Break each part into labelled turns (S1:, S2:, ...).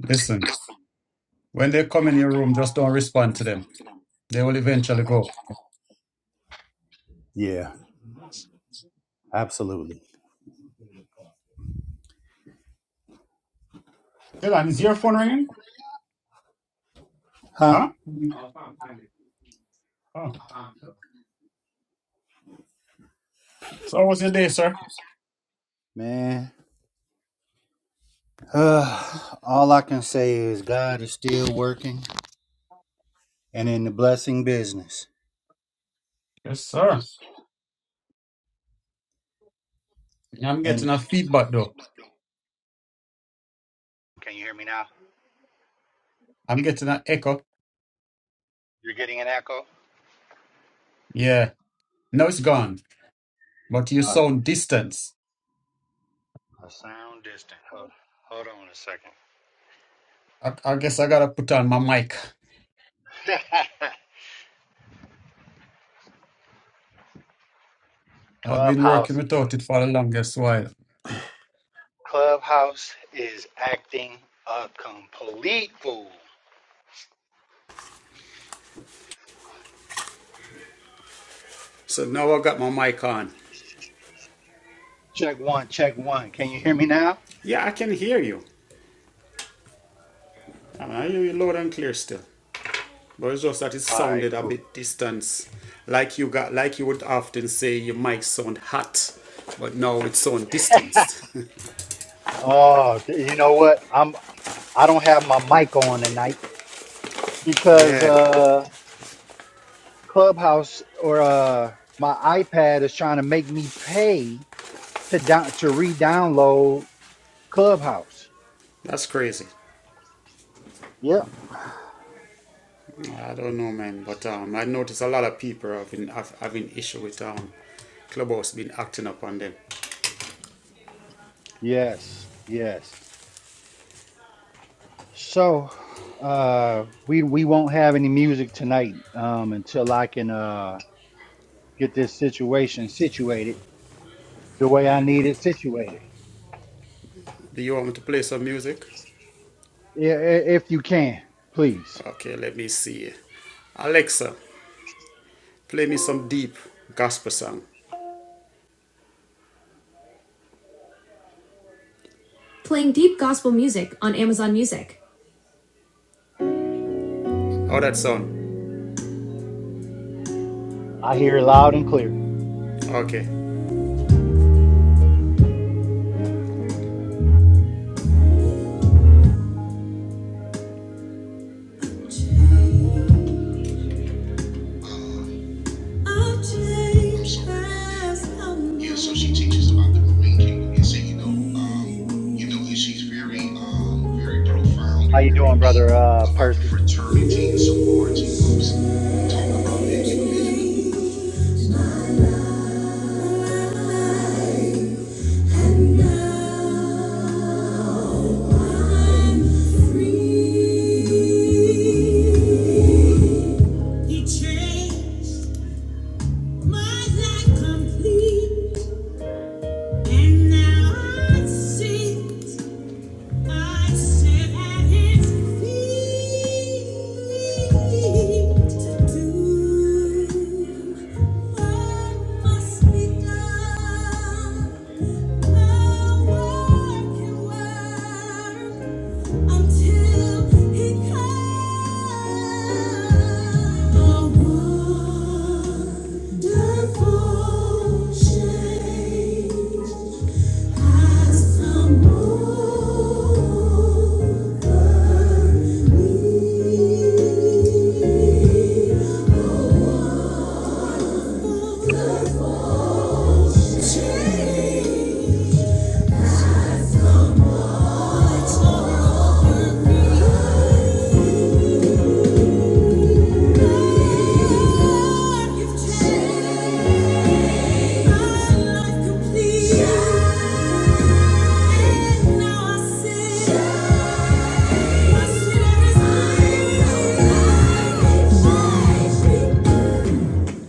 S1: Listen, when they come in your room, just don't respond to them. They will eventually go. Dylan, is your phone ringing? Huh? Oh. So how was your day, sir? Yes, sir. I'm getting a feedback though. I'm getting an echo. Yeah. Now it's gone. But you sound distant. I, I guess I gotta put on my mic. I've been working without it for the longest while. So now I got my mic on. Yeah, I can hear you. I mean, I hear you loud and clear still. But it's just that it sounded a bit distant. Like you got like you would often say your mic sound hot, but now it sound distanced. yeah. That's crazy. I don't know man, but um I noticed a lot of people have been have, having issue with um Clubhouse been acting up on them. Do you want me to play some music? Okay, let me see. Alexa, play me some deep gospel song. Playing deep gospel music on Amazon Music. Oh that sound. Okay. Yeah, so she teaches about the Marine Kingdom. And so, you know, um, you know, and she's very, um, very profound and very deep about the fraternity and sorority groups. Talk about that individually. He changed my life complete. And now I see, I sit at his feet to do what must be done. A work until he comes. A wonderful change has come over me. Thank you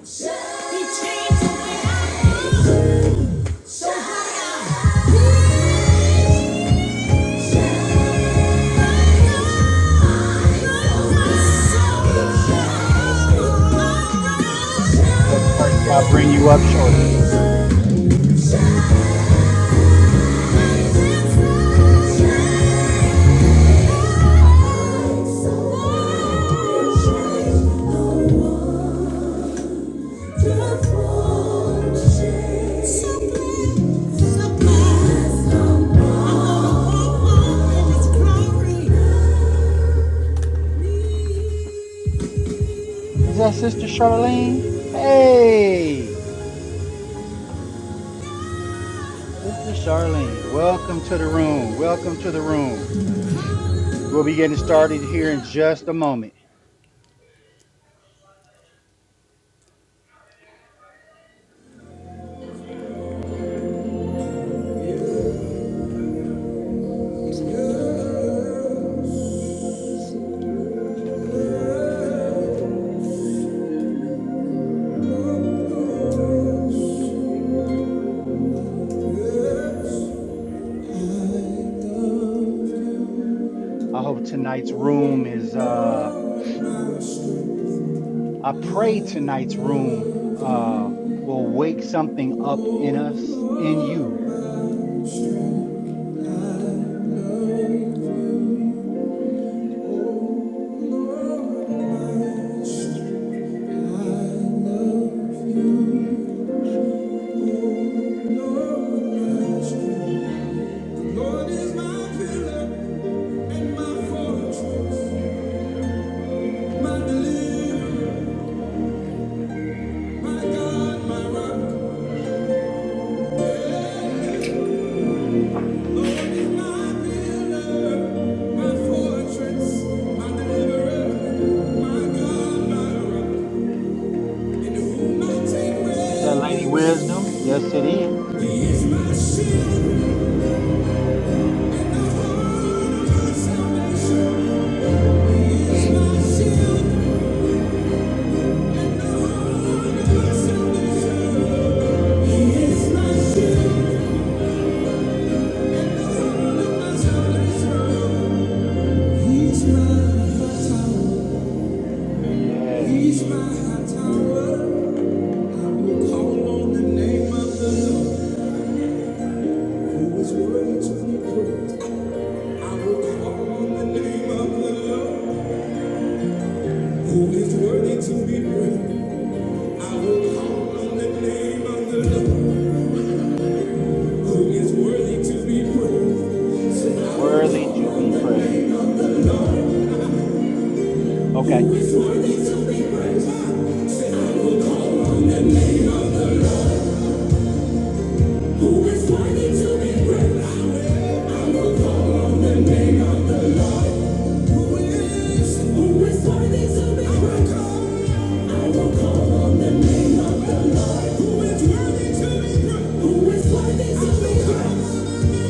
S1: Change the world. Lord is my pillar and my fortress, my deliverer, my God, my rock. He's my high tower. He's my tower. Call on the name of the Lord, who is worthy to be praised. I will call on the name of the Lord, who is worthy to be praised. I will call on the name of the Lord, who is worthy to be praised. Say, I will call on the name of the Lord, who is worthy to be praised. Say, I will call on the name of the Lord. Who is worthy to be praised? I will call on the name of the Lord. Who is? Who is worthy to be praised? I will call on the name of the Lord. Who is worthy to be praised? Who is worthy to be praised?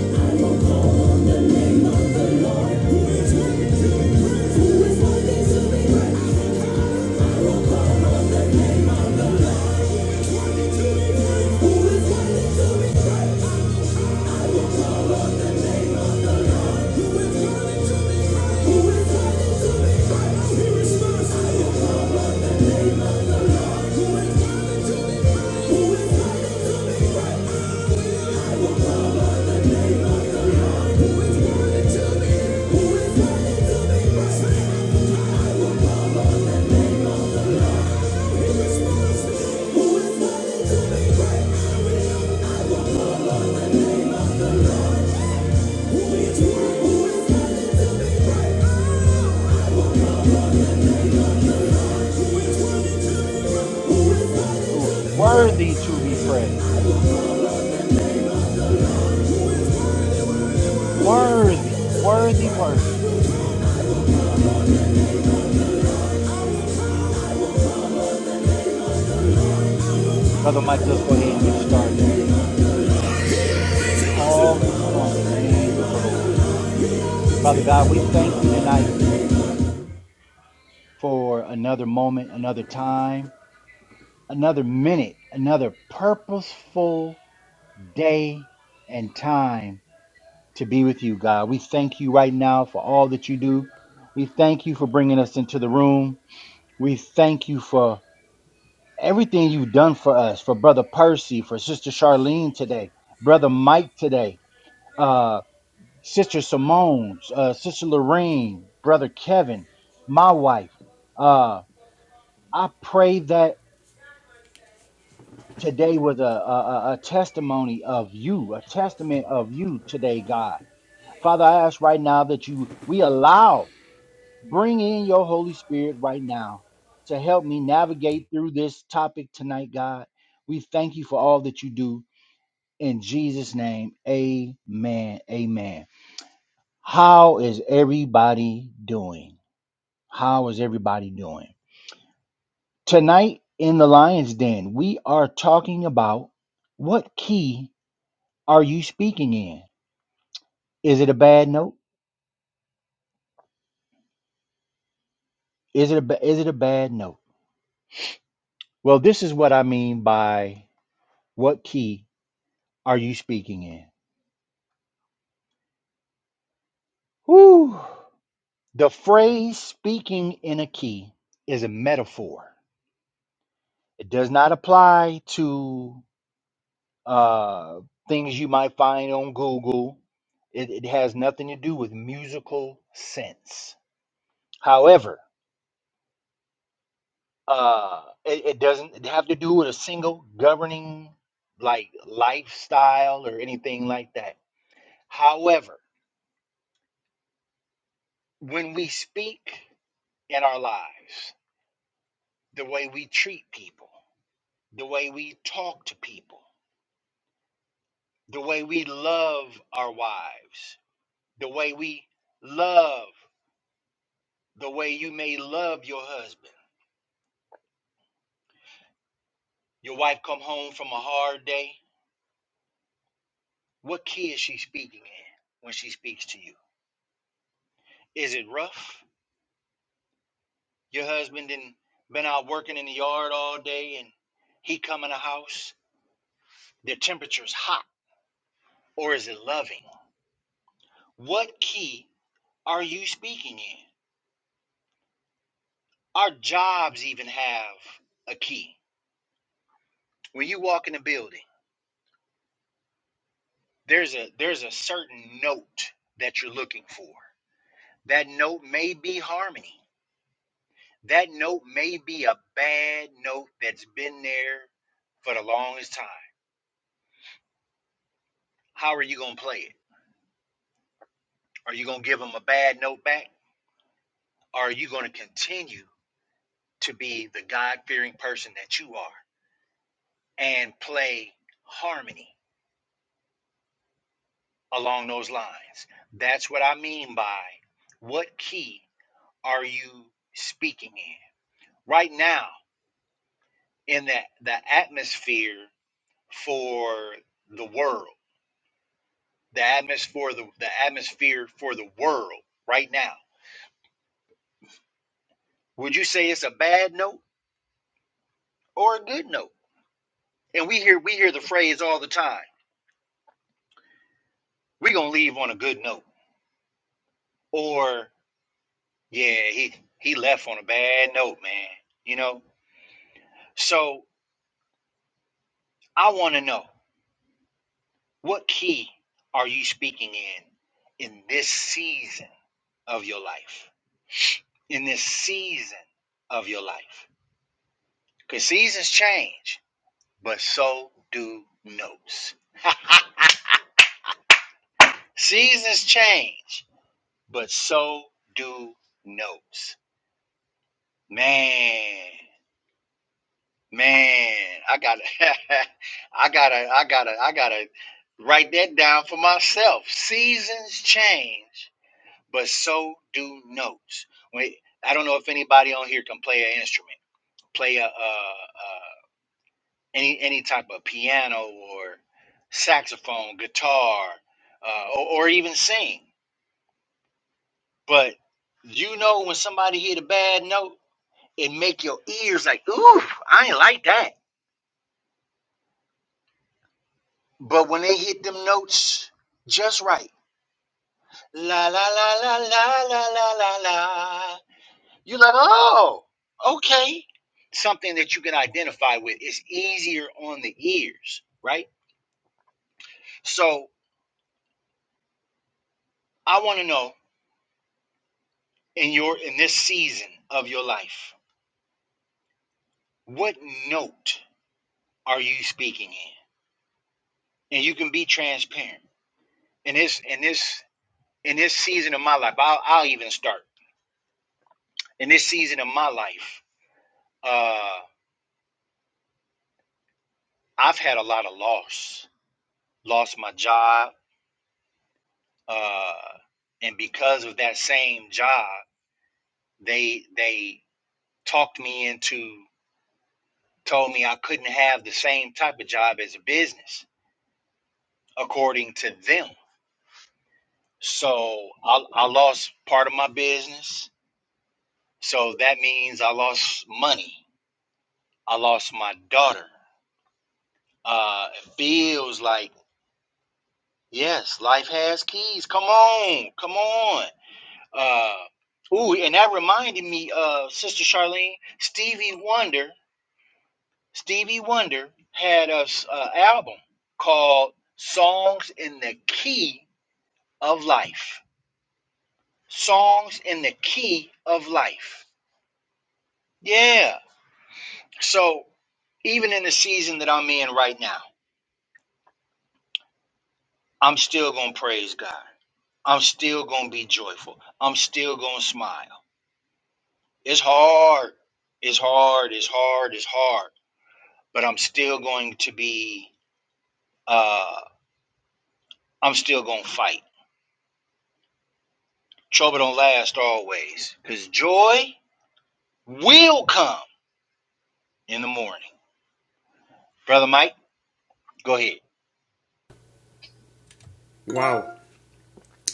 S1: Wow.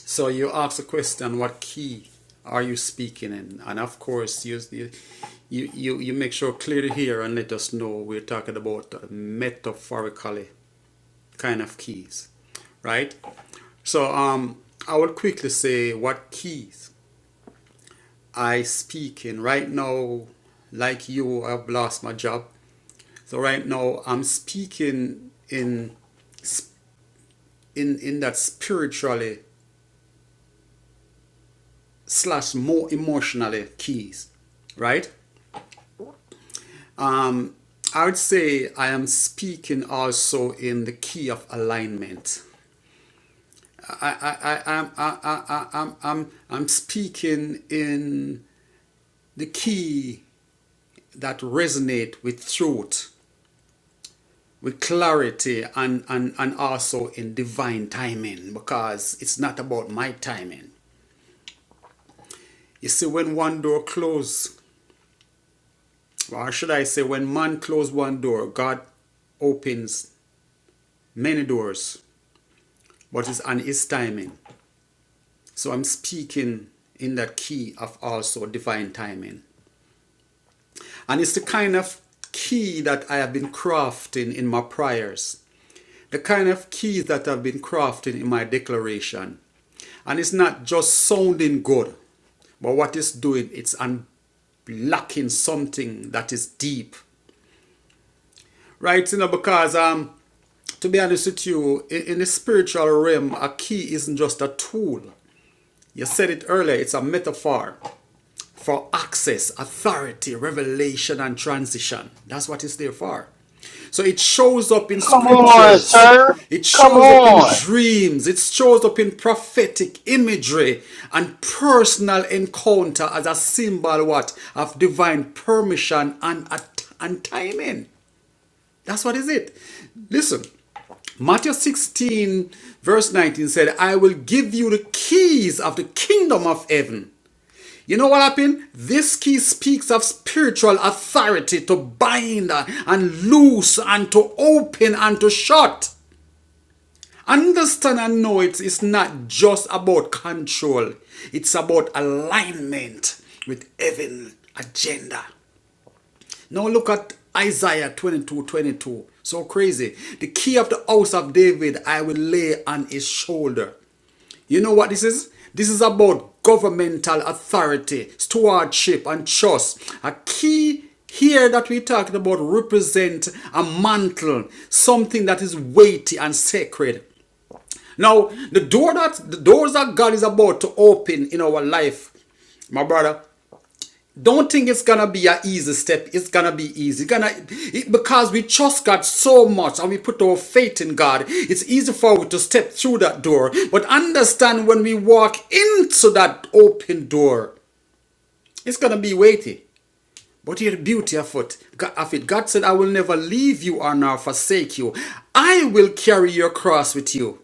S1: So you ask the question, what key are you speaking in? And of course, you you you, you make sure clearly here and let us know we're talking about metaphorically kind of keys, right? So um, I will quickly say what keys I speak in right now. Like you, I've lost my job, so right now I'm speaking in in in that spiritually slash more emotionally keys, right? Um, I would say I am speaking also in the key of alignment. I, I, am I, I'm, I, I, I- I'm, I'm, I'm speaking in the key that resonate with truth, with clarity, and, and, and also in divine timing because it's not about my timing. You see, when one door closes, or should I say, when man closes one door, God opens many doors, but it's on his timing. So I'm speaking in that key of also divine timing. And it's the kind of key that I have been crafting in my prayers, the kind of keys that I've been crafting in my declaration. And it's not just sounding good, but what it's doing, it's unlocking something that is deep. Right? You know, because um to be honest with you, in, in the spiritual realm, a key isn't just a tool. You said it earlier, it's a metaphor. for access, authority, revelation, and transition. That's what it's there for. So it shows up in scriptures, it shows up in dreams, it shows up in prophetic imagery and personal encounter as a symbol what of divine permission and, and timing. That's what is it. Listen, Matthew 16, verse 19 said, I will give you the keys of the kingdom of heaven. You know what happened? This key speaks of spiritual authority to bind and loose and to open and to shut. Understand and know it is not just about control, it's about alignment with heaven's agenda. Now look at Isaiah 22 22. So crazy. The key of the house of David I will lay on his shoulder. You know what this is? This is about governmental authority, stewardship, and trust. A key here that we talked about represent a mantle, something that is weighty and sacred. Now, the door that the doors that God is about to open in our life, my brother. Don't think it's gonna be an easy step. It's gonna be easy. It's Gonna it- because we trust God so much and we put our faith in God. It's easy for us to step through that door. But understand when we walk into that open door, it's gonna be weighty. But here, beauty of it, of it. God said, "I will never leave you or nor forsake you. I will carry your cross with you."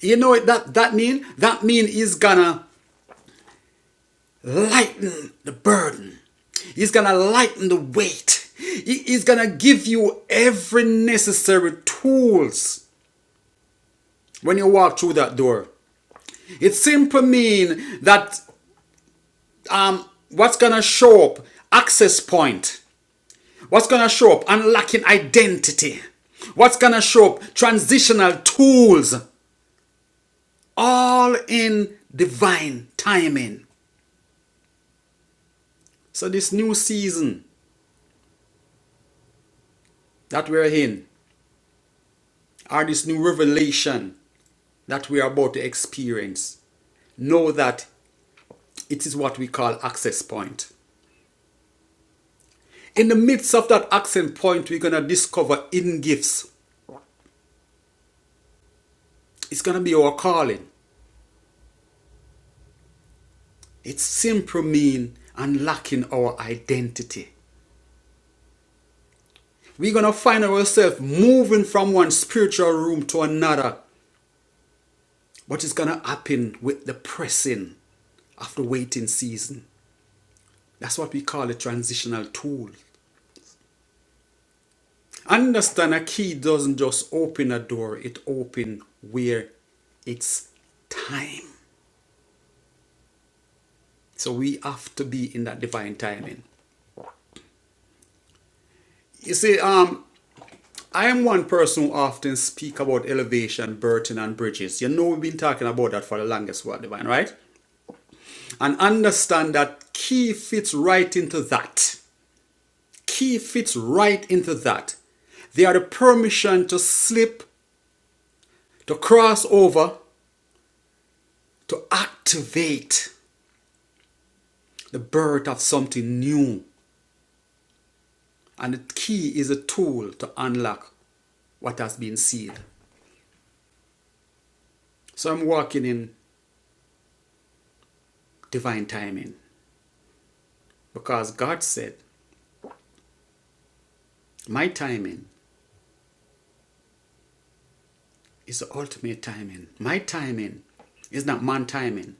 S1: You know what that that mean? That mean He's gonna lighten the burden. He's going to lighten the weight. He's going to give you every necessary tools when you walk through that door. It simply means that um, what's going to show up, access point, what's going to show up, unlocking identity, what's going to show up, transitional tools, all in divine timing. So, this new season that we're in, or this new revelation that we are about to experience, know that it is what we call access point. In the midst of that access point, we're going to discover hidden gifts. It's going to be our calling. It's simply mean unlocking our identity. We're going to find ourselves moving from one spiritual room to another, but it's going to happen with the pressing of the waiting season. That's what we call a transitional tool. Understand a key doesn't just open a door, it opens where it's time. So we have to be in that divine timing. You see, um, I am one person who often speak about elevation, burden, and bridges. You know, we've been talking about that for the longest while, divine, right? And understand that key fits right into that. Key fits right into that. They are the permission to slip, to cross over, to activate. the birth of something new. And the key is a tool to unlock what has been sealed. So I'm walking in divine timing because God said, My timing is the ultimate timing. My timing is not man timing.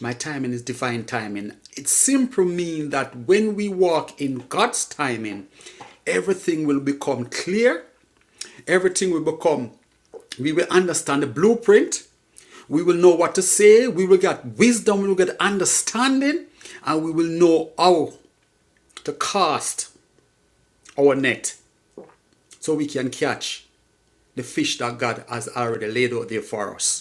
S1: My timing is divine timing. It simply means that when we walk in God's timing, everything will become clear. Everything will become, we will understand the blueprint. We will know what to say. We will get wisdom. We will get understanding. And we will know how to cast our net so we can catch the fish that God has already laid out there for us.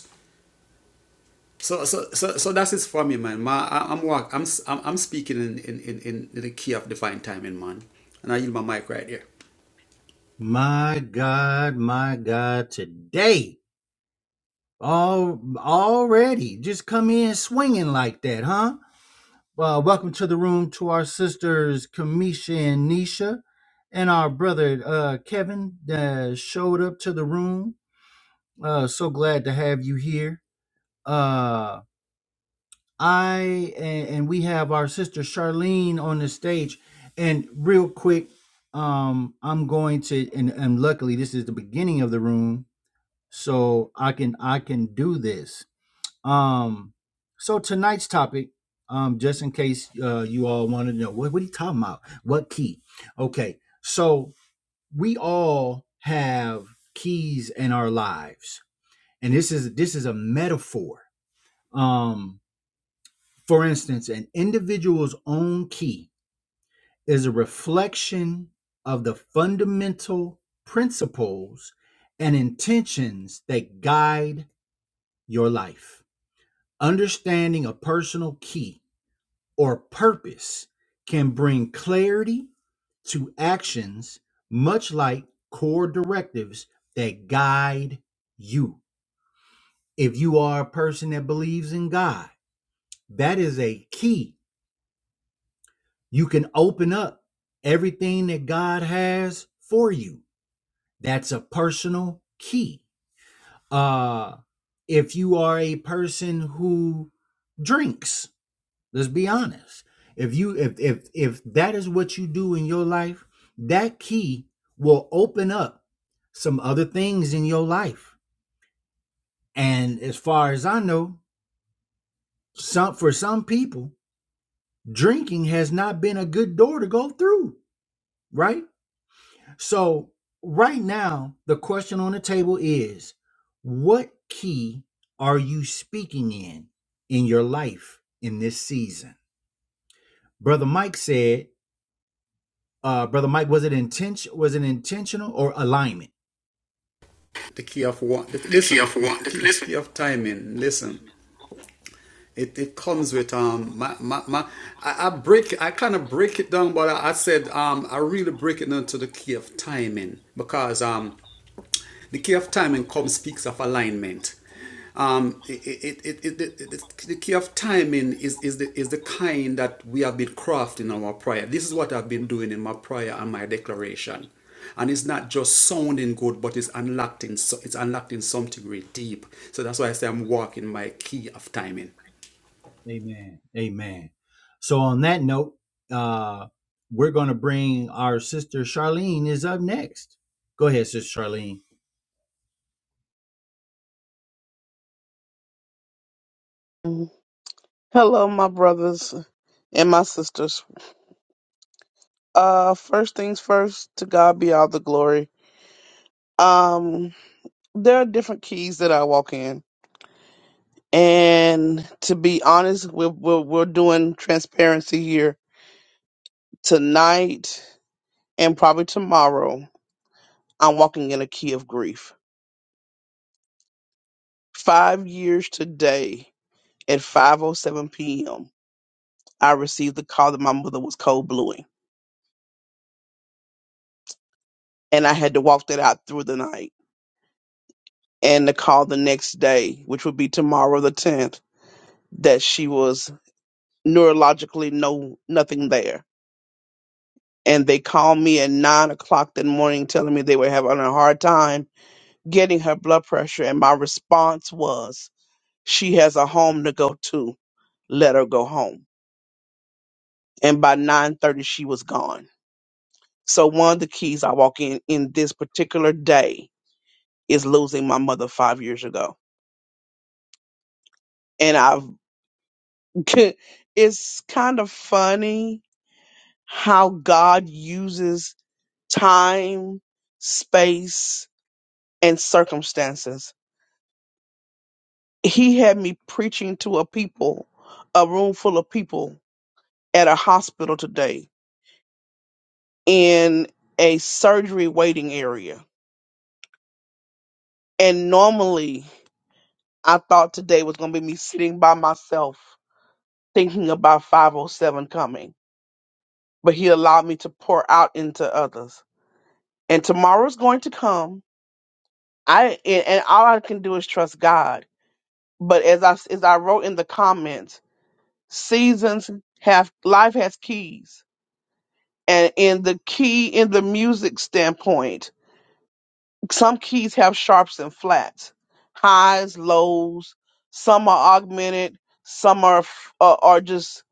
S1: So, so, so, so that's it for me, man. Ma, I, I'm work. I'm, s- I'm, I'm speaking in, in, in, in the key of divine timing, man. And I use my mic right here. The key of one. The, listen, the key, key of timing. Listen, it, it comes with um my, my, my I, I break I kind of break it down, but I, I said um I really break it down to the key of timing because um The key of time and come speaks of alignment. Um, it, it, it, it, it- the key of timing is, is, the, is the kind that we have been crafting in our prayer. This is what I've been doing in my prayer and my declaration. And it's not just sounding good, but it's unlocked in, so- it's unlocked in something really deep. So that's why I say I'm walking my key of timing.
S2: Hello, my brothers and my sisters. Uh, first things first, to God be all the glory. Um, there are different keys that I walk in, and to be honest, we're we're, we're doing transparency here tonight and probably tomorrow. I'm walking in a key of grief. Five years today at 5:07 p.m., I received the call that my mother was cold blueing, and I had to walk that out through the night. and to call the next day, which would be tomorrow the 10th, that she was neurologically no nothing there. And they called me at nine o'clock that morning telling me they were having a hard time getting her blood pressure. And my response was, she has a home to go to. Let her go home. And by 9.30, she was gone. So one of the keys I walk in in this particular day is losing my mother five years ago. And I've, it's kind of funny how God uses time, space, and circumstances. He had me preaching to a people, a room full of people at a hospital today in a surgery waiting area. And normally I thought today was going to be me sitting by myself thinking about 507 coming, but he allowed me to pour out into others. And tomorrow's going to come. I and and all I can do is trust God But as I as I wrote in the comments, seasons have life has keys, and in the key in the music standpoint, some keys have sharps and flats, highs, lows. Some are augmented, some are f- uh, are just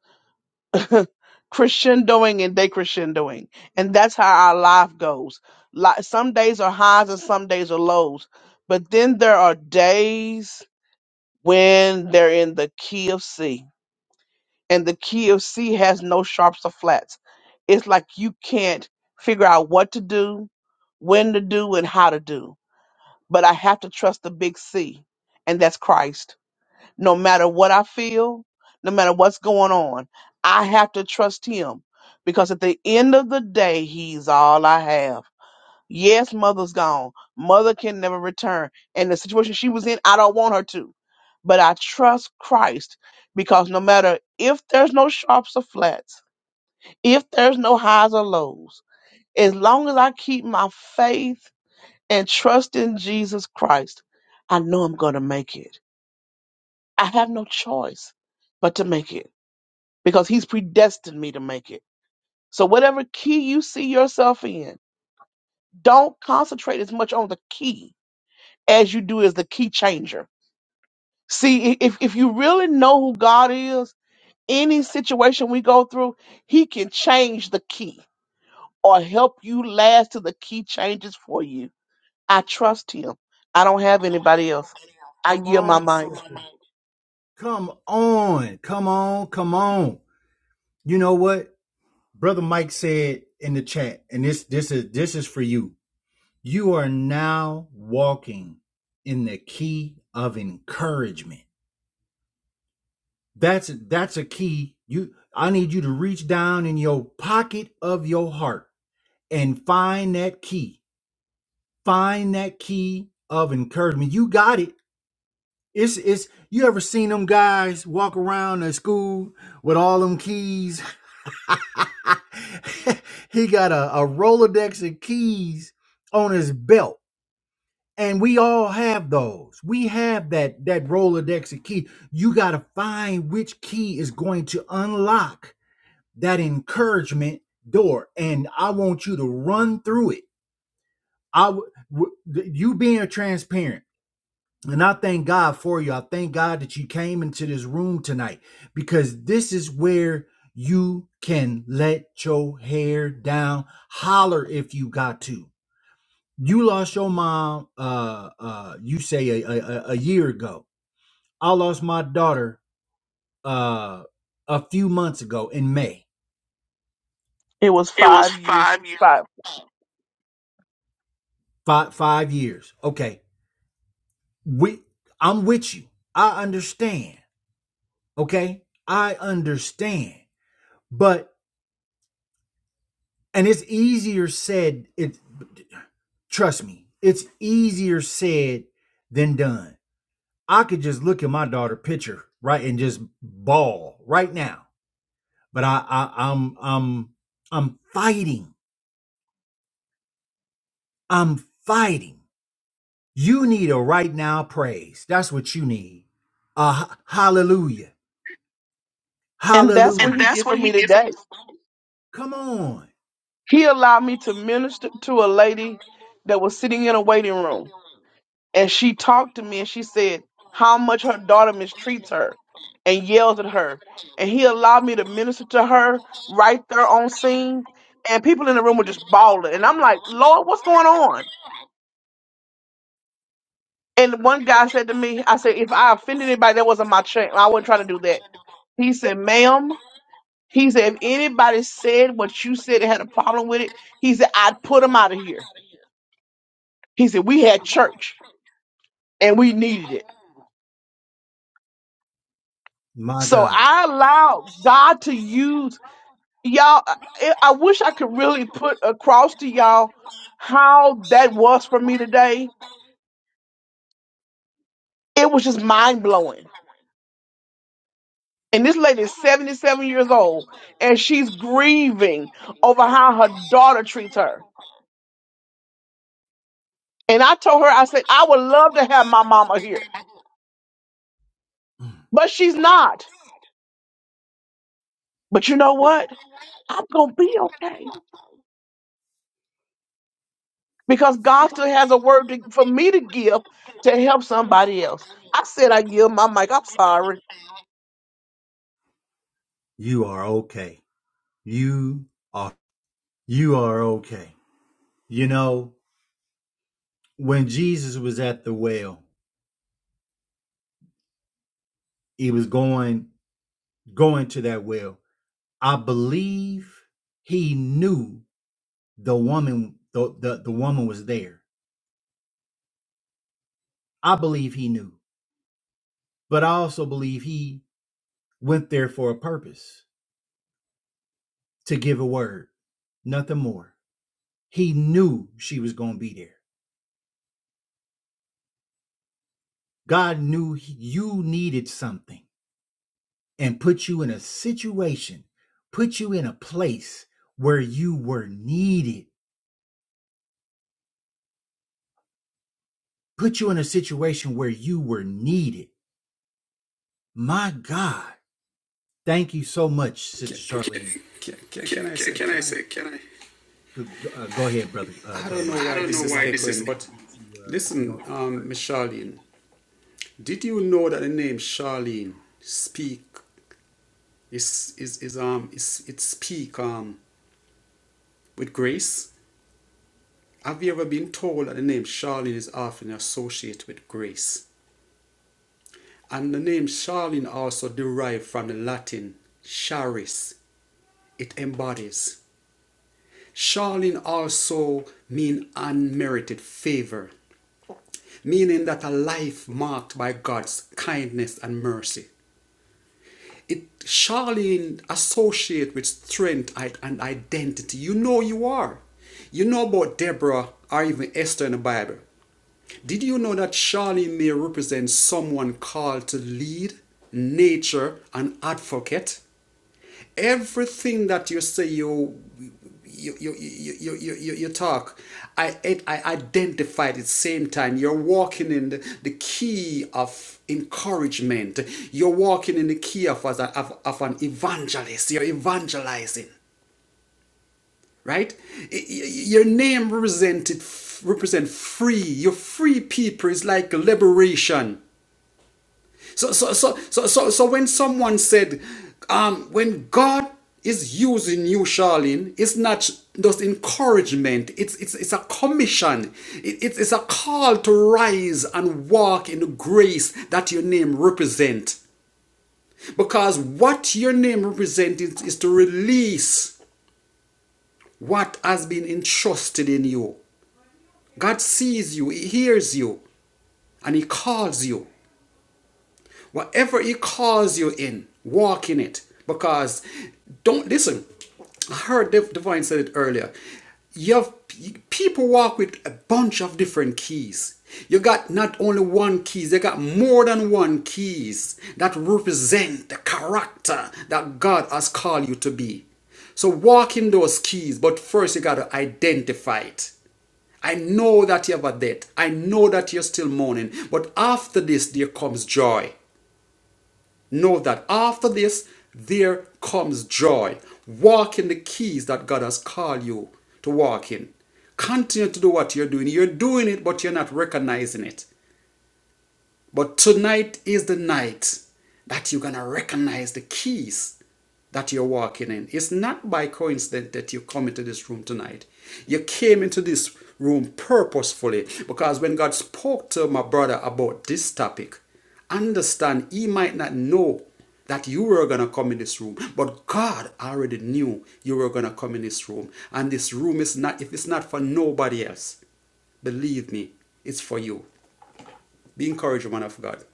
S2: crescendoing and decrescendoing, and that's how our life goes. Like some days are highs and some days are lows, but then there are days when they're in the key of C and the key of C has no sharps or flats. It's like you can't figure out what to do, when to do, and how to do. But I have to trust the big C, and that's Christ. No matter what I feel, no matter what's going on, I have to trust Him because at the end of the day, He's all I have. Yes, mother's gone. Mother can never return. And the situation she was in, I don't want her to. But I trust Christ because no matter if there's no sharps or flats, if there's no highs or lows, as long as I keep my faith and trust in Jesus Christ, I know I'm going to make it. I have no choice but to make it because He's predestined me to make it. So, whatever key you see yourself in, don't concentrate as much on the key as you do is the key changer. See, i- if, if you really know who God is, any situation we go through, He can change the key or help you last till the key changes for you. I trust Him. I don't have anybody else. I yield my mic. It was five years, five. And that's what He did for me today. He allowed me to minister to a lady that was sitting in a waiting room. and she talked to me and she said how much her daughter mistreats her and yells at her. And he allowed me to minister to her right there on scene. And people in the room were just bawling. And I'm like, Lord, what's going on? And one guy said to me, I said, if I offended anybody, that wasn't my chance. I wasn't trying to do that. He said, ma'am, he said, if anybody said what you said and had a problem with it, he said, I'd put them out of here. He said, we had church and we needed it. So I allowed God to use y'all I, I wish i could really put across to y'all how that was for me today it was just mind-blowing and this lady is 77 years old and she's grieving over how her daughter treats her and i told her i said i would love to have my mama here but she's not but you know what i'm gonna be okay because god still has a word to, for me to give to help somebody else i said i give my mic i'm sorry
S1: Can, can, can, can I say, can I? I don't know why this is echoing, but listen, um, Miss Charlene, did you know that the name Charlene speak is is is um is it's speak um with grace. Have you ever been told that the name Charlene is often associated with grace? And the name Charlene also derived from the Latin charis. It embodies. Charlene also means unmerited favor, meaning that a life marked by God's kindness and mercy. it Charlene associate with strength and identity. You know you are. You know about Deborah or even Esther in the Bible. Did you know that Charlene may represent someone called to lead, nature, and advocate? everything that you say you you you you you, you, you, you talk I, I identify at the same time you're walking in the, the key of encouragement you're walking in the key of, as of, of an evangelist you're evangelizing right Y- y- your name represented represent free your free people is like liberation so, so, so, so, so, so when someone said, um, when God is using you, Charlene, it's not just encouragement. It's, it's, it's a commission. It, it's, it's a call to rise and walk in the grace that your name represent. Because what your name represents is, is to release what has been entrusted in you. God sees you, He hears you, and He calls you. Whatever He calls you in, walk in it. Because don't listen. I heard Divine said it earlier. You have people walk with a bunch of different keys. You got not only one keys, they got more than one keys that represent the character that God has called you to be. So walk in those keys, but first you got to identify it. I know that you have a debt. I know that you're still mourning. But after this, there comes joy. Know that after this, there comes joy. Walk in the keys that God has called you to walk in. Continue to do what you're doing. You're doing it, but you're not recognizing it. But tonight is the night that you're going to recognize the keys that you're walking in. It's not by coincidence that you come into this room tonight. You came into this room purposefully because when God spoke to my brother about this topic, understand he might not know that you were going to come in this room but god already knew you were going to come in this room and this room is not if it's not for nobody else believe me it's for you be encouraged man of god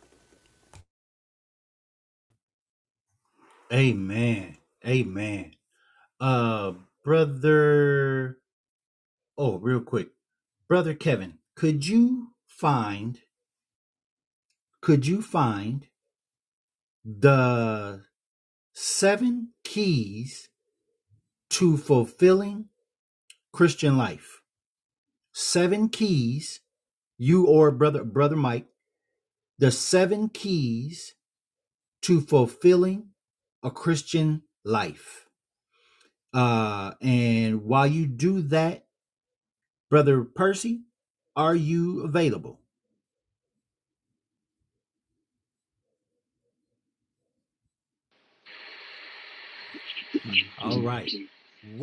S3: Can, can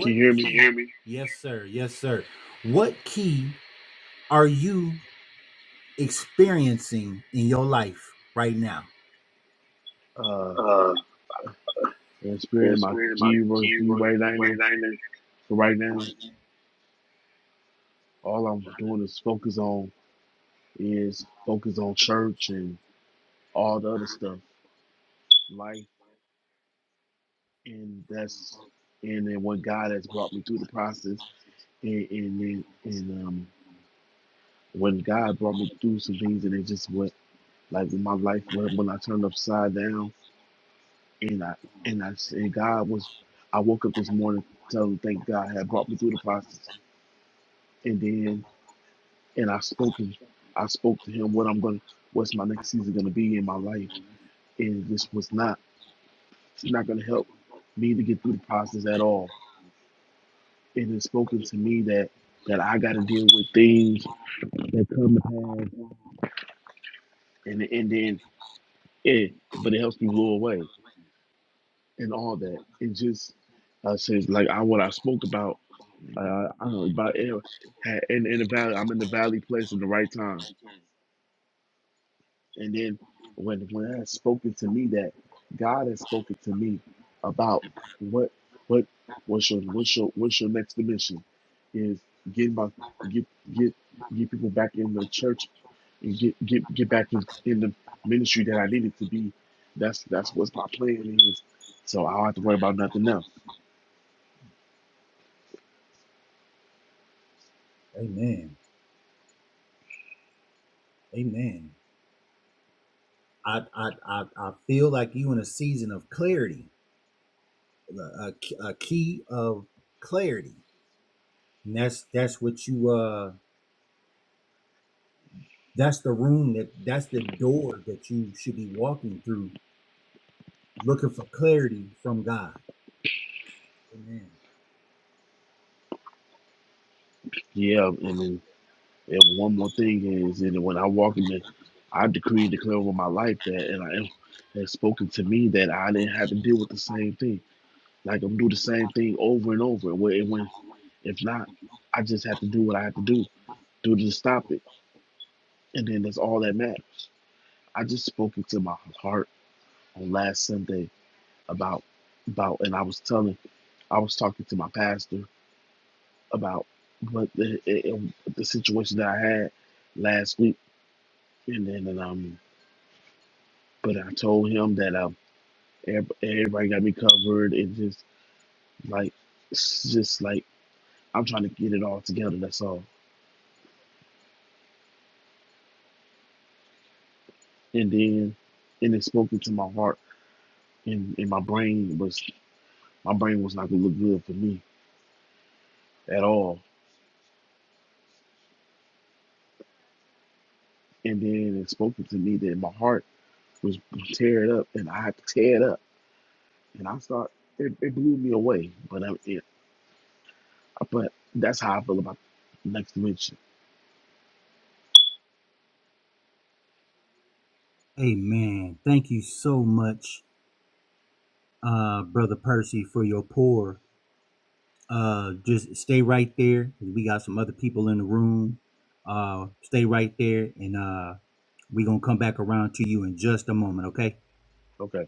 S3: can you hear me? Uh, in the spirit of my gear you right now. For right now, all I'm doing is focus on is focus on church and all the other stuff, life, and that's and then what God has brought me through the process, and and then and um when God brought me through some things, and it just went like when my life when, when I turned upside down, and I and I and God was, I woke up this morning telling thank God had brought me through the process, and then. and I spoke him. I spoke to him what I'm going, to what's my next season going to be in my life, and this was not it's not going to help me to get through the process at all. It has spoken to me that that I got to deal with things that come to pass, and and then yeah, but it helps me blow away and all that. It just uh, says like I what I spoke about. Uh, I don't know about air. ha- In, in the valley, I'm in the valley place in the right time And then when when has spoken to me that God has spoken to me about what what what's your what's your what's your next dimension is getting my get get get people back in the church and get get get back in, in the ministry that I needed to be. That's that's what's my plan is. So I don't have to worry about nothing else. Yeah, and then And one more thing is, and when I walk in the, I decree and declare over my life that, and I am has spoken to me that I didn't have to deal with the same thing. Like I'm do the same thing over and over. Where it when if not, I just have to do what I have to do, do to stop it, and then that's all that matters. I just spoke into my heart on last Sunday about about, and I was telling, I was talking to my pastor about what the, eh, eh, the situation that I had last week, and then and, um But I told him that um, ev- everybody got me covered. and just like, it's just like I'm trying to get it all together. That's all. And then, and it spoke into my heart, and, and my brain was my brain was not gonna look good for me at all. And then it spoke to me that my heart was tear it up, and I had to tear it up. And I start it, it blew me away. But I, it, but that's how I feel about next dimension. Okay.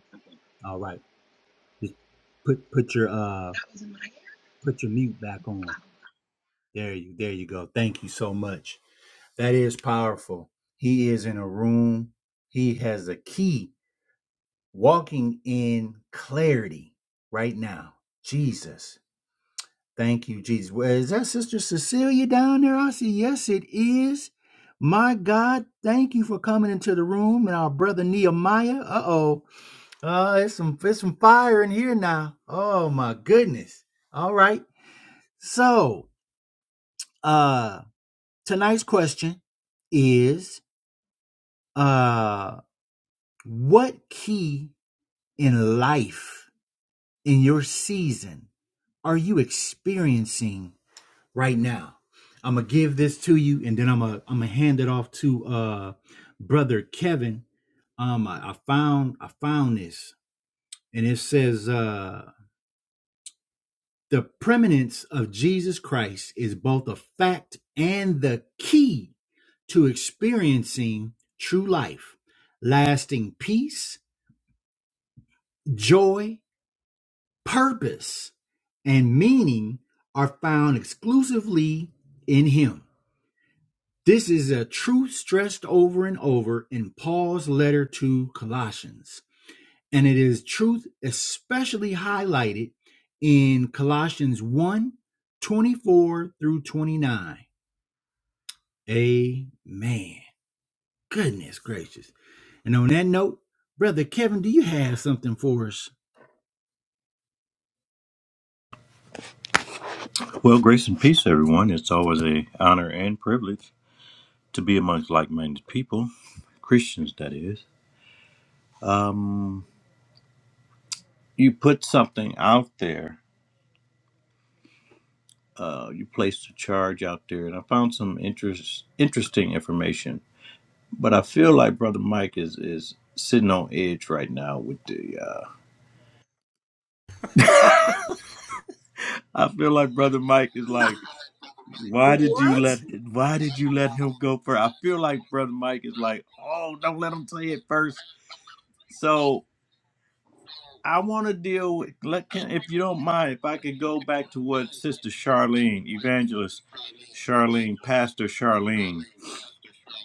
S4: Well, grace and peace, everyone. It's always a honor and privilege to be amongst like-minded people, Christians, that is. Um, you put something out there. Uh, you placed a charge out there, and I found some interest, interesting information. But I feel like Brother Mike is is sitting on edge right now with the. Uh, I feel like Brother Mike is like, why did you let? Why did you let him go first? I feel like Brother Mike is like, oh, don't let him say it first. So I want to deal with, let, can, if you don't mind, if I could go back to what Sister Charlene, evangelist Charlene, Pastor Charlene,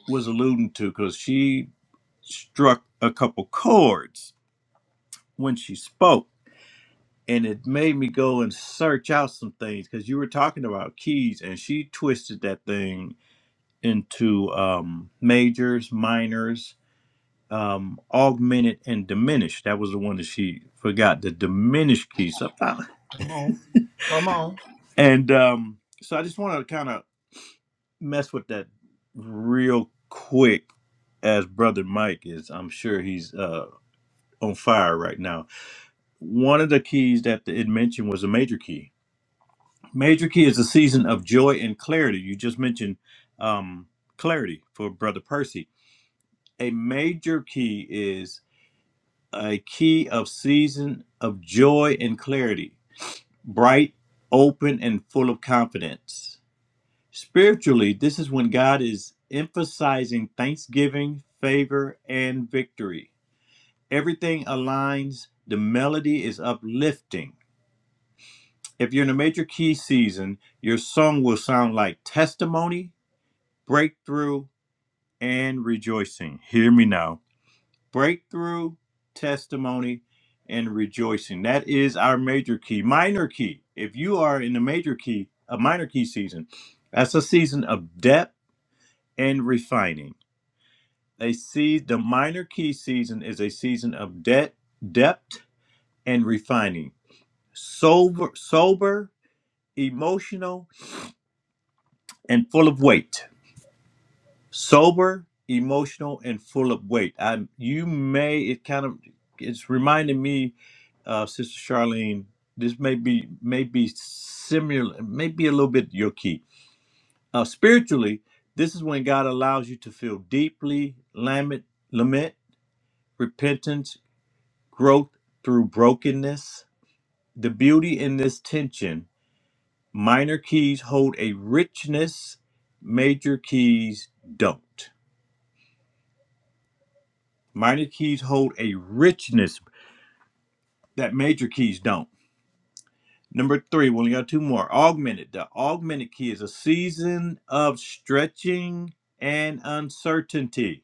S4: was alluding to, because she struck a couple chords when she spoke. And it made me go and search out some things because you were talking about keys, and she twisted that thing into um, majors, minors, um, augmented, and diminished. That was the one that she forgot the diminished key. So And um, so I just want to kind of mess with that real quick, as Brother Mike is. I'm sure he's uh, on fire right now. One of the keys that it mentioned was a major key. Major key is a season of joy and clarity. You just mentioned um, clarity for Brother Percy. A major key is a key of season of joy and clarity, bright, open, and full of confidence Spiritually, this is when God is emphasizing thanksgiving, favor, and victory. Everything aligns, the melody is uplifting. If you're in a major key season, your song will sound like testimony, breakthrough, and rejoicing. Hear me now. Breakthrough, testimony, and rejoicing. That is our major key. Minor key. If you are in the major key, a minor key season, that's a season of depth and refining. A sea, the minor key season is a season of debt, depth, and refining. Sober, sober, emotional, and full of weight. Sober, emotional, and full of weight. I, you may, it kind of, it's reminding me, uh, Sister Charlene. This may be, may be similar, maybe a little bit your key. Uh, spiritually, this is when God allows you to feel deeply lament, lament, repentance growth through brokenness. The beauty in this tension minor keys hold a richness, major keys don't. Minor keys hold a richness that major keys don't. Number three, we only got two more. Augmented. The augmented key is a season of stretching and uncertainty.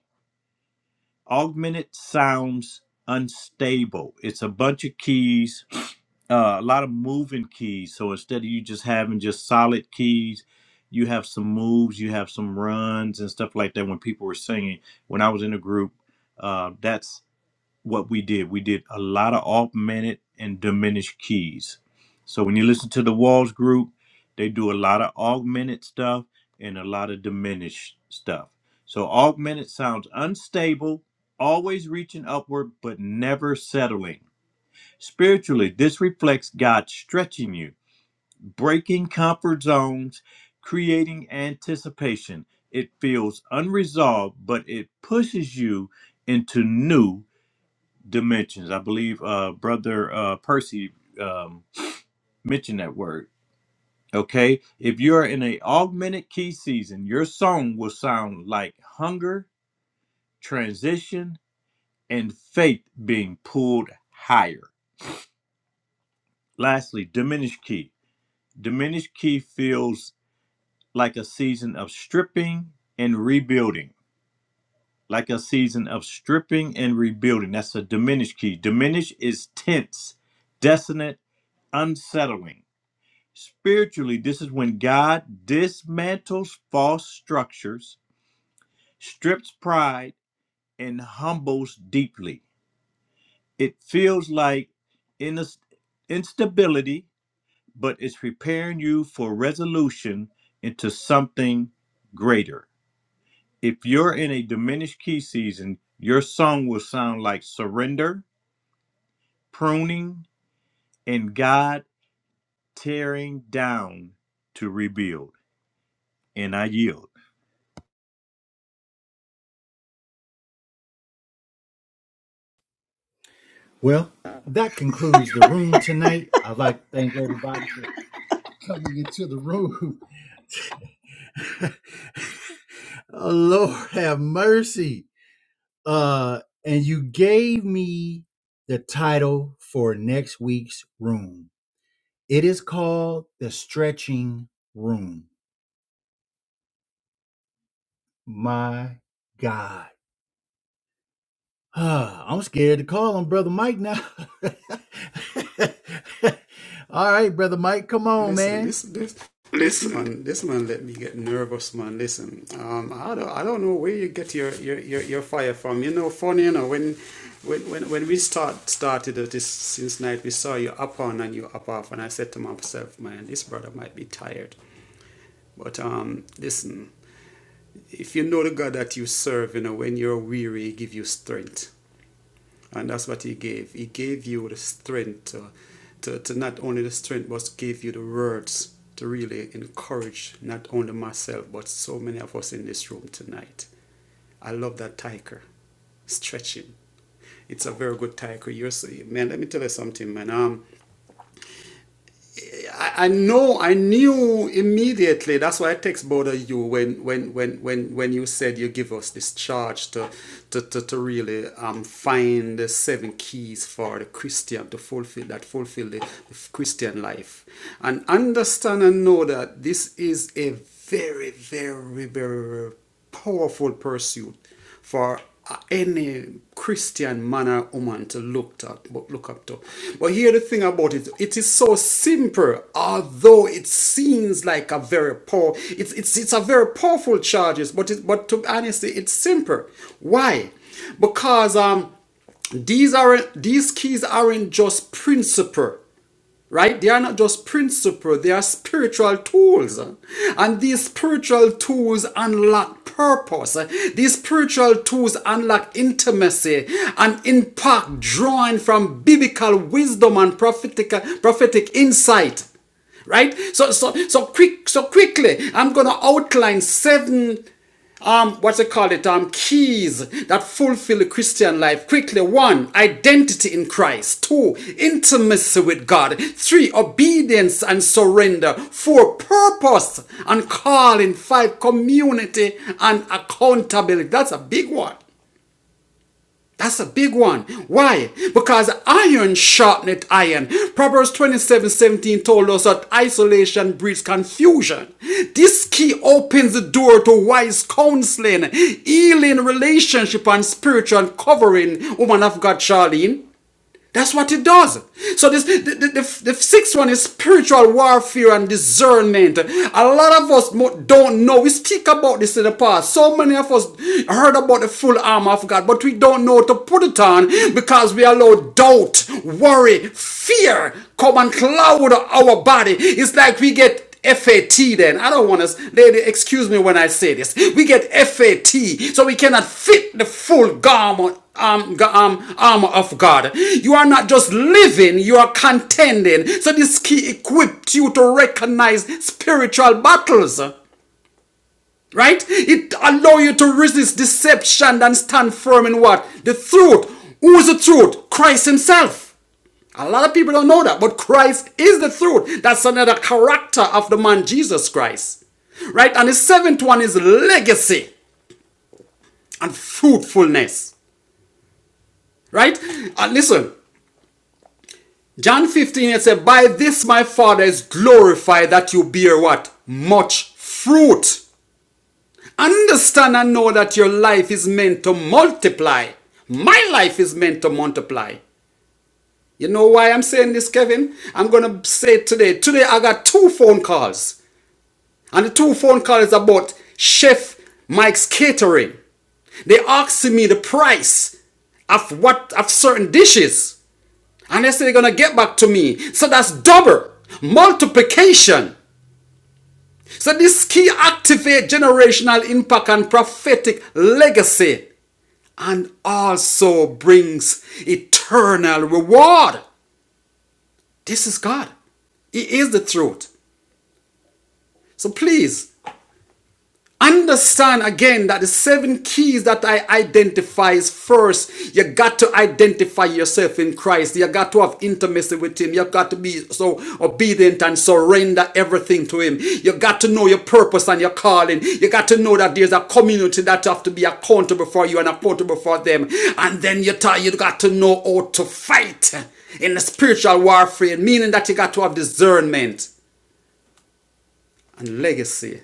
S4: augmented sounds unstable. It's a bunch of keys, uh, a lot of moving keys. So instead of you just having just solid keys, you have some moves, you have some runs and stuff like that. When people were singing, when I was in a group, uh, that's what we did. We did a lot of augmented and diminished keys. So when you listen to the Walls group, they do a lot of augmented stuff and a lot of diminished stuff. So augmented sounds unstable, always reaching upward, but never settling. Spiritually, this reflects God stretching you, breaking comfort zones, creating anticipation. It feels unresolved, but it pushes you into new dimensions. I believe uh, Brother uh, Percy um, mentioned that word. Okay, if you're in a augmented key season, your song will sound like hunger, transition, and faith being pulled higher. Lastly, diminished key. Diminished key feels like a season of stripping and rebuilding. Like a season of stripping and rebuilding. That's a diminished key. Diminished is tense, dissonant, unsettling. Spiritually, this is when God dismantles false structures, strips pride, and humbles deeply. It feels like inas- instability, but it's preparing you for resolution into something greater. If you're in a diminished key season, your song will sound like surrender, pruning, and God tearing down to rebuild. And I yield.
S1: Listen, this this this man this man let me get nervous, man. Listen, um, I don't I don't know where you get your your, your, your fire from. You know, funny, you know, when when when, when we start started this since night, we saw you up on and you up off, and I said to myself, man, this brother might be tired. But um, listen, if you know the God that you serve, you know, when you're weary, he give you strength. And that's what he gave. He gave you the strength to, to, to not only the strength, but gave you the words to really encourage not only myself, but so many of us in this room tonight. I love that tiger, stretching. It's a very good tiger. You're so, man, let me tell you something, man. Um, I, I know I knew immediately. That's why I text both of you when when when when when you said you give us this charge to to, to, to really um, find the seven keys for the Christian to fulfill that fulfill the, the Christian life and understand and know that this is a very very very, very powerful pursuit for any Christian man or woman to look at, but look up to. But here the thing about it, it is so simple, although it seems like a very poor, it's it's it's a very powerful charges, but it, but to be honest, it's simple. Why? Because um these aren't these keys aren't just principle right? They are not just principles, they are spiritual tools. And these spiritual tools unlock purpose. These spiritual tools unlock intimacy and impact drawing from biblical wisdom and prophetic, prophetic insight right so so so quick so quickly i'm going to outline seven um what's it called it um keys that fulfill the christian life quickly one identity in christ two intimacy with god three obedience and surrender four purpose and calling five community and accountability that's a big one that's a big one. Why? Because iron sharpeneth iron. Proverbs twenty-seven seventeen told us that isolation breeds confusion. This key opens the door to wise counseling, healing relationship, and spiritual covering. Woman of God, Charlene. That's what it does. So this the, the, the, the sixth one is spiritual warfare and discernment. A lot of us don't know. We speak about this in the past. So many of us heard about the full armor of God, but we don't know to put it on because we allow doubt, worry, fear come and cloud our body. It's like we get FAT then. I don't want us, they, they- excuse me when I say this. We get FAT, so we cannot fit the full garment. Um, ga- um, armor of God. You are not just living, you are contending. So this key equipped you to recognize spiritual battles, right? It allow you to resist deception and stand firm in what? The truth. Who is the truth? Christ himself. A lot of people don't know that, but Christ is the truth. That's another character of the man Jesus Christ. Right? And the seventh one is legacy and fruitfulness. Right? And listen, John 15 it says, By this my Father is glorified that you bear what? Much fruit. Understand and know that your life is meant to multiply. My life is meant to multiply. You know why I'm saying this, Kevin? I'm going to say today. Today I got two phone calls. And the two phone calls about Chef Mike's catering. They asked me the price of what of certain dishes. And they said they're gonna get back to me. So that's double multiplication. So this key activate generational impact and prophetic legacy and also brings eternal reward. This is God. He is the truth. So please Understand again that the seven keys that I identify is first, you got to identify yourself in Christ. You got to have intimacy with Him. You got to be so obedient and surrender everything to Him. You got to know your purpose and your calling. You got to know that there's a community that have to be accountable for you and accountable for them. And then you, ta- you got to know how to fight in the spiritual warfare, meaning that you got to have discernment and legacy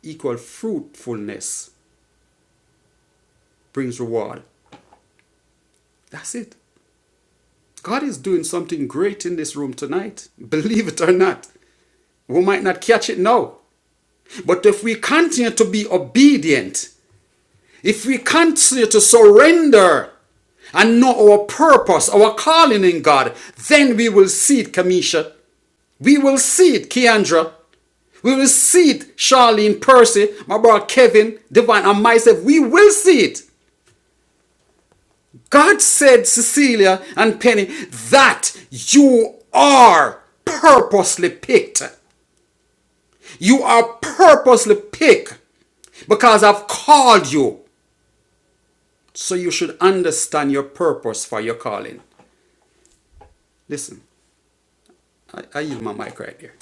S1: equal fruitfulness. brings reward. That's it. God is doing something great in this room tonight. Believe it or not. We might not catch it now. But if we continue to be obedient, if we continue to surrender and know our purpose, our calling in God, then we will see it, Kamisha. We will see it, Keandra. We will see it, Charlene, Percy, my brother Kevin, Divine, and myself. We will see it. God said, Cecilia and Penny, that you are purposely picked. You are purposely picked because I've called you. So you should understand your purpose for your calling. Listen, I, I use my mic right there.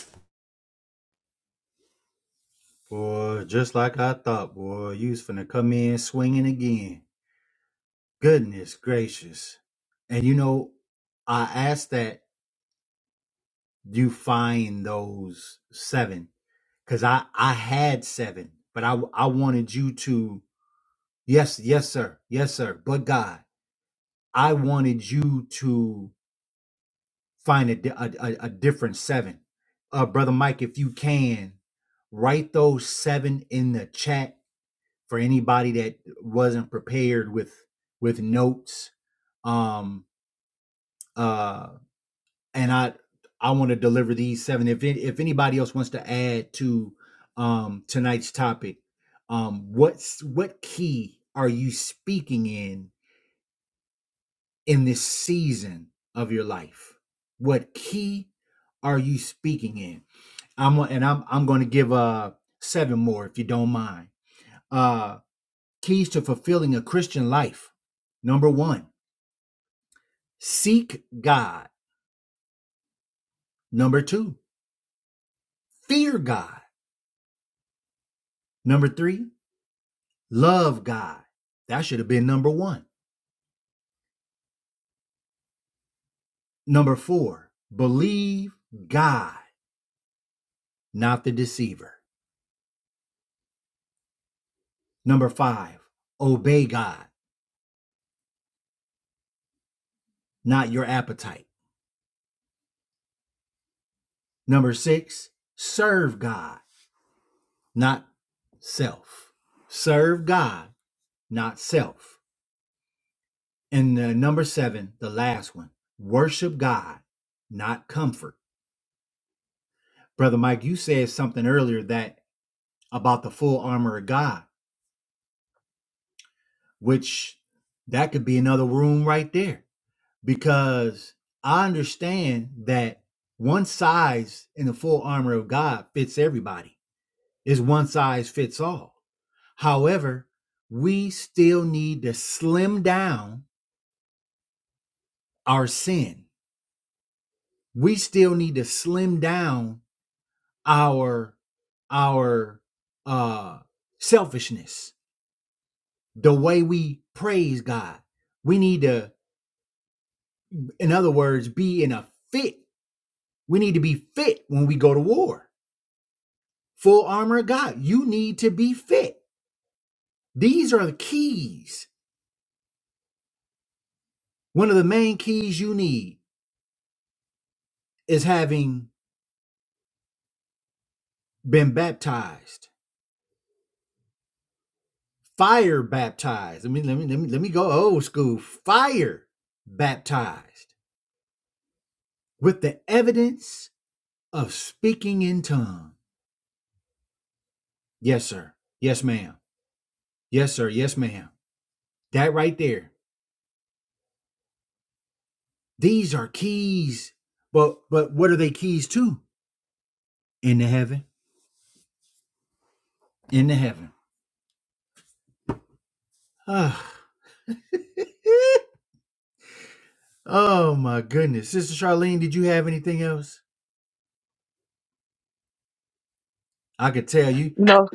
S2: no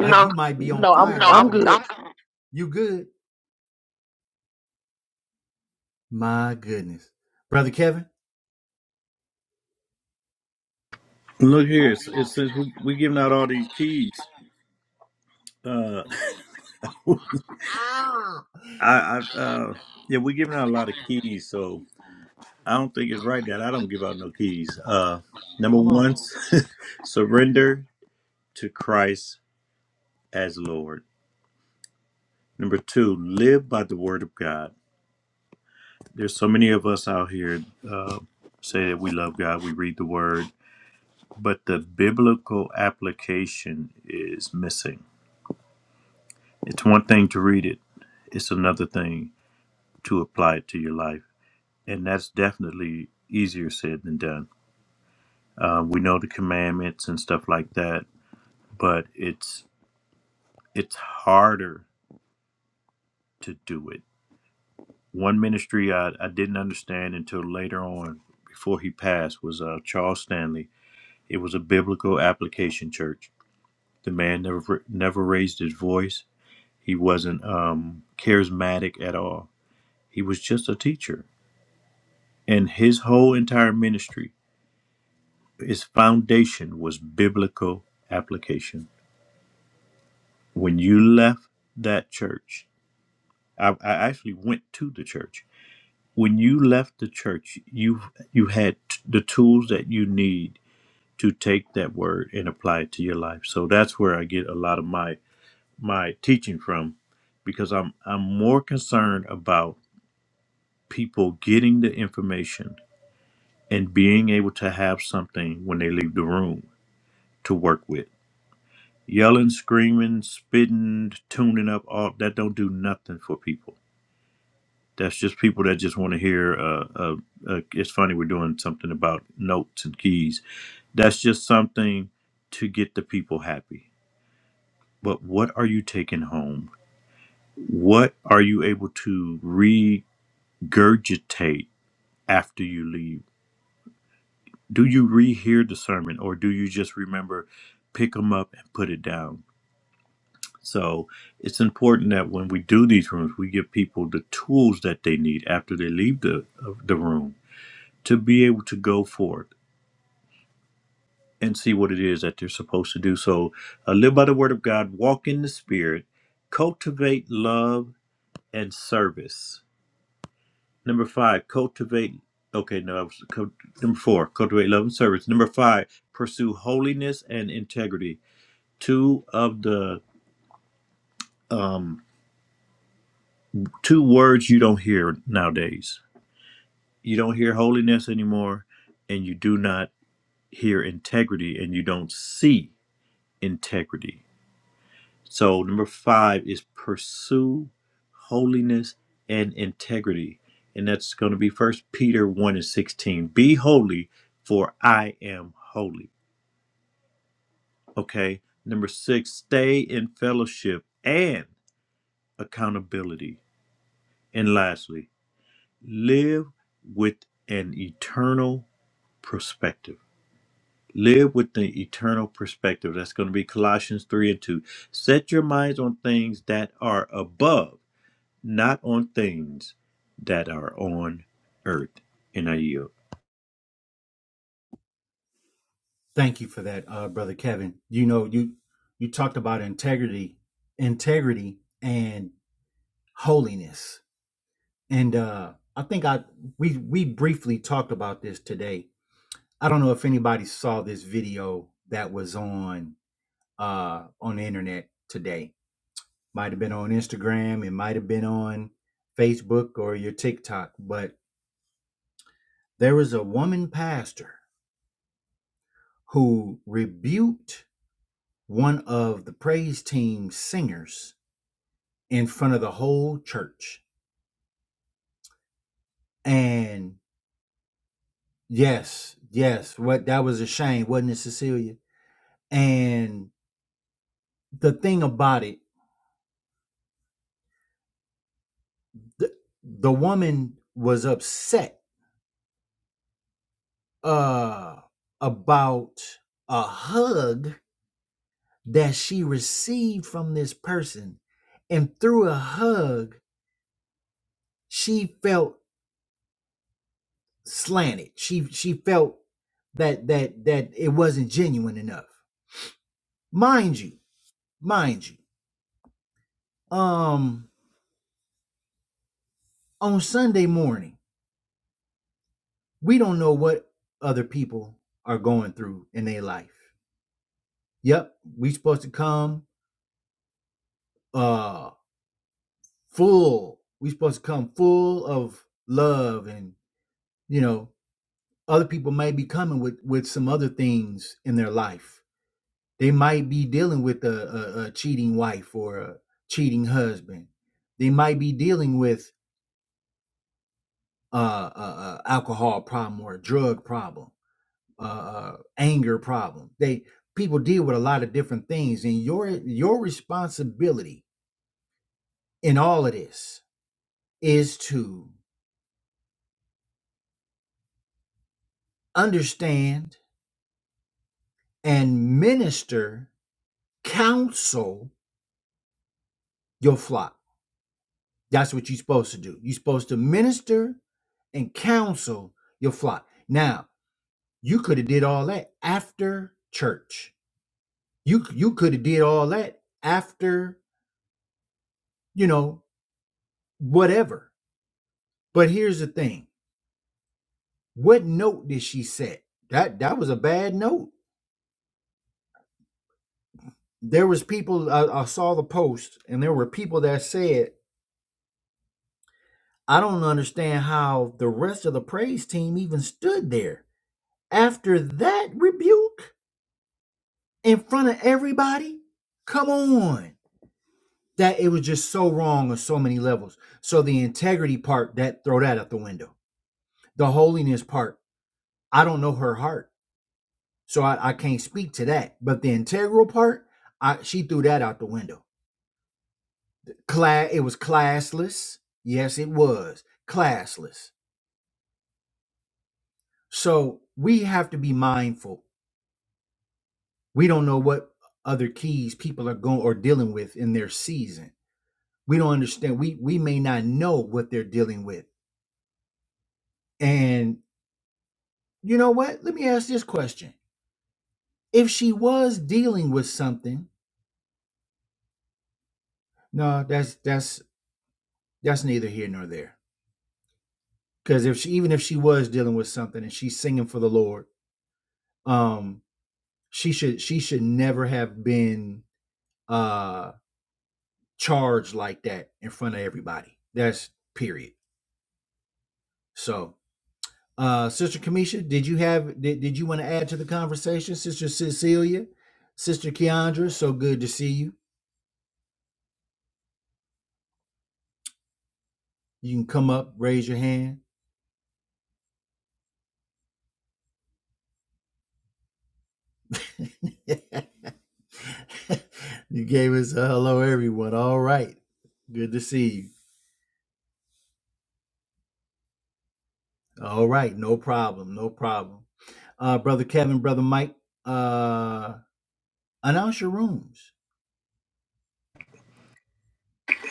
S2: no i'm i'm good
S4: Look here, it's, it's since we we giving out all these keys. Uh, I, I uh, yeah, we giving out a lot of keys, so I don't think it's right that I don't give out no keys. Uh, number one, surrender to Christ as Lord. Number two, live by the Word of God. There's so many of us out here uh, say that we love God, we read the Word, but the biblical application is missing. It's one thing to read it; it's another thing to apply it to your life. And that's definitely easier said than done. Uh, we know the commandments and stuff like that, but it's it's harder to do it. One ministry I, I didn't understand until later on, before he passed, was uh, Charles Stanley. It was a biblical application church. The man never never raised his voice. He wasn't um, charismatic at all. He was just a teacher, and his whole entire ministry. Its foundation was biblical application. When you left that church, I, I actually went to the church. When you left the church, you you had t- the tools that you need to take that word and apply it to your life. So that's where I get a lot of my my teaching from, because I'm I'm more concerned about people getting the information and being able to have something when they leave the room to work with Yelling, screaming, spitting, tuning up, all that don't do nothing for people. That's just people that just want to hear. Uh, uh, uh, it's funny we're doing something about notes and keys. That's just something to get the people happy. But what are you taking home? What are you able to regurgitate after you leave? Do you rehear the sermon, or do you just remember, pick them up and put it down? So it's important that when we do these rooms, we give people the tools that they need after they leave the of the room to be able to go for it and see what it is that they're supposed to do. So uh, live by the word of God, walk in the spirit, cultivate love and service. Number five, cultivate. Okay, no, I was, cul- number four, cultivate love and service. Number five, pursue holiness and integrity. Two of the um, two words you don't hear nowadays You don't hear holiness anymore, and you do not hear integrity, and you don't see integrity. So, number five is pursue holiness and integrity. And that's going to be First Peter 1 and 16. Be holy, for I am holy. Okay. Number six, stay in fellowship and accountability. And lastly, live with an eternal perspective. Live with the eternal perspective. That's going to be Colossians 3 and 2. Set your minds on things that are above, not on things that are on earth. And I yield.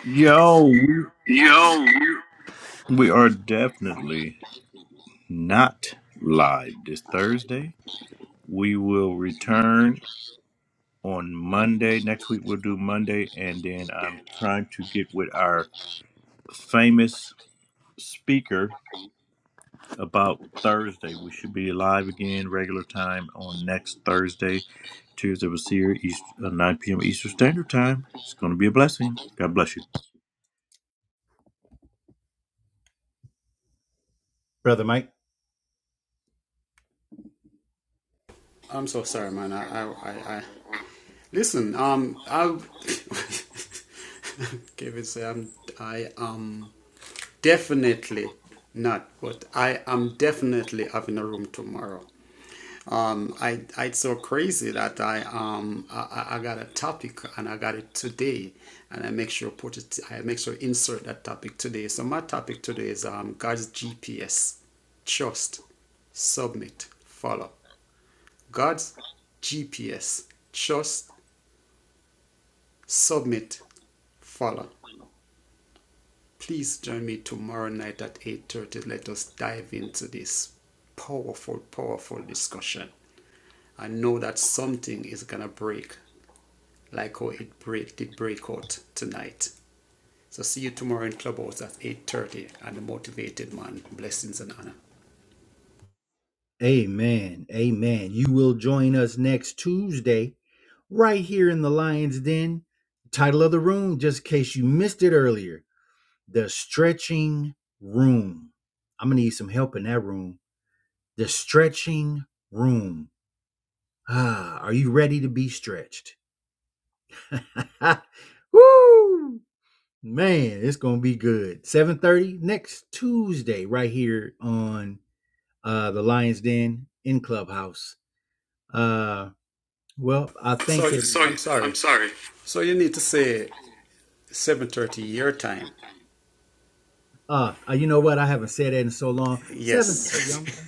S4: Yo, we we are definitely not live this Thursday. We will return on Monday. Next week we'll do Monday. And then I'm trying to get with our famous speaker about Thursday. We should be live again, regular time on next Thursday. Tuesday was here, East, uh, 9 p.m. Eastern Standard Time. It's going to be a blessing. God bless you.
S1: I'm so sorry, man. I, I, I, I listen. Um, I, Kevin say I'm, I am definitely not, but I am definitely having a room tomorrow. Um, I I so crazy that I um I I got a topic and I got it today, and I make sure put it I make sure insert that topic today. So my topic today is um God's GPS, trust, submit, follow. God's GPS, trust, submit, follow. Please join me tomorrow night at eight thirty. Let us dive into this powerful, powerful discussion. I know that something is gonna break like how it break, did break out tonight. So see you tomorrow in Clubhouse at 8.30 and the motivated man, blessings and honor. So I'm sorry. So you need to say 7.30 your time. Yes.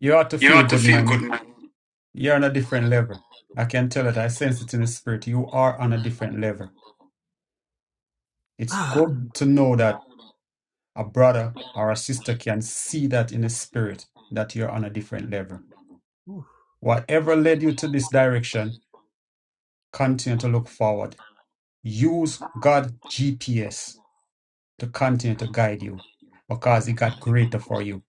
S1: you ought to feel good, man. You're on a different level. I can tell it. I sense it in the spirit. You are on a different level. It's good to know that a brother or a sister can see that in the spirit that you're on a different level. Whatever led you to this direction, continue to look forward Use God GPS to continue to guide you because it got greater for you.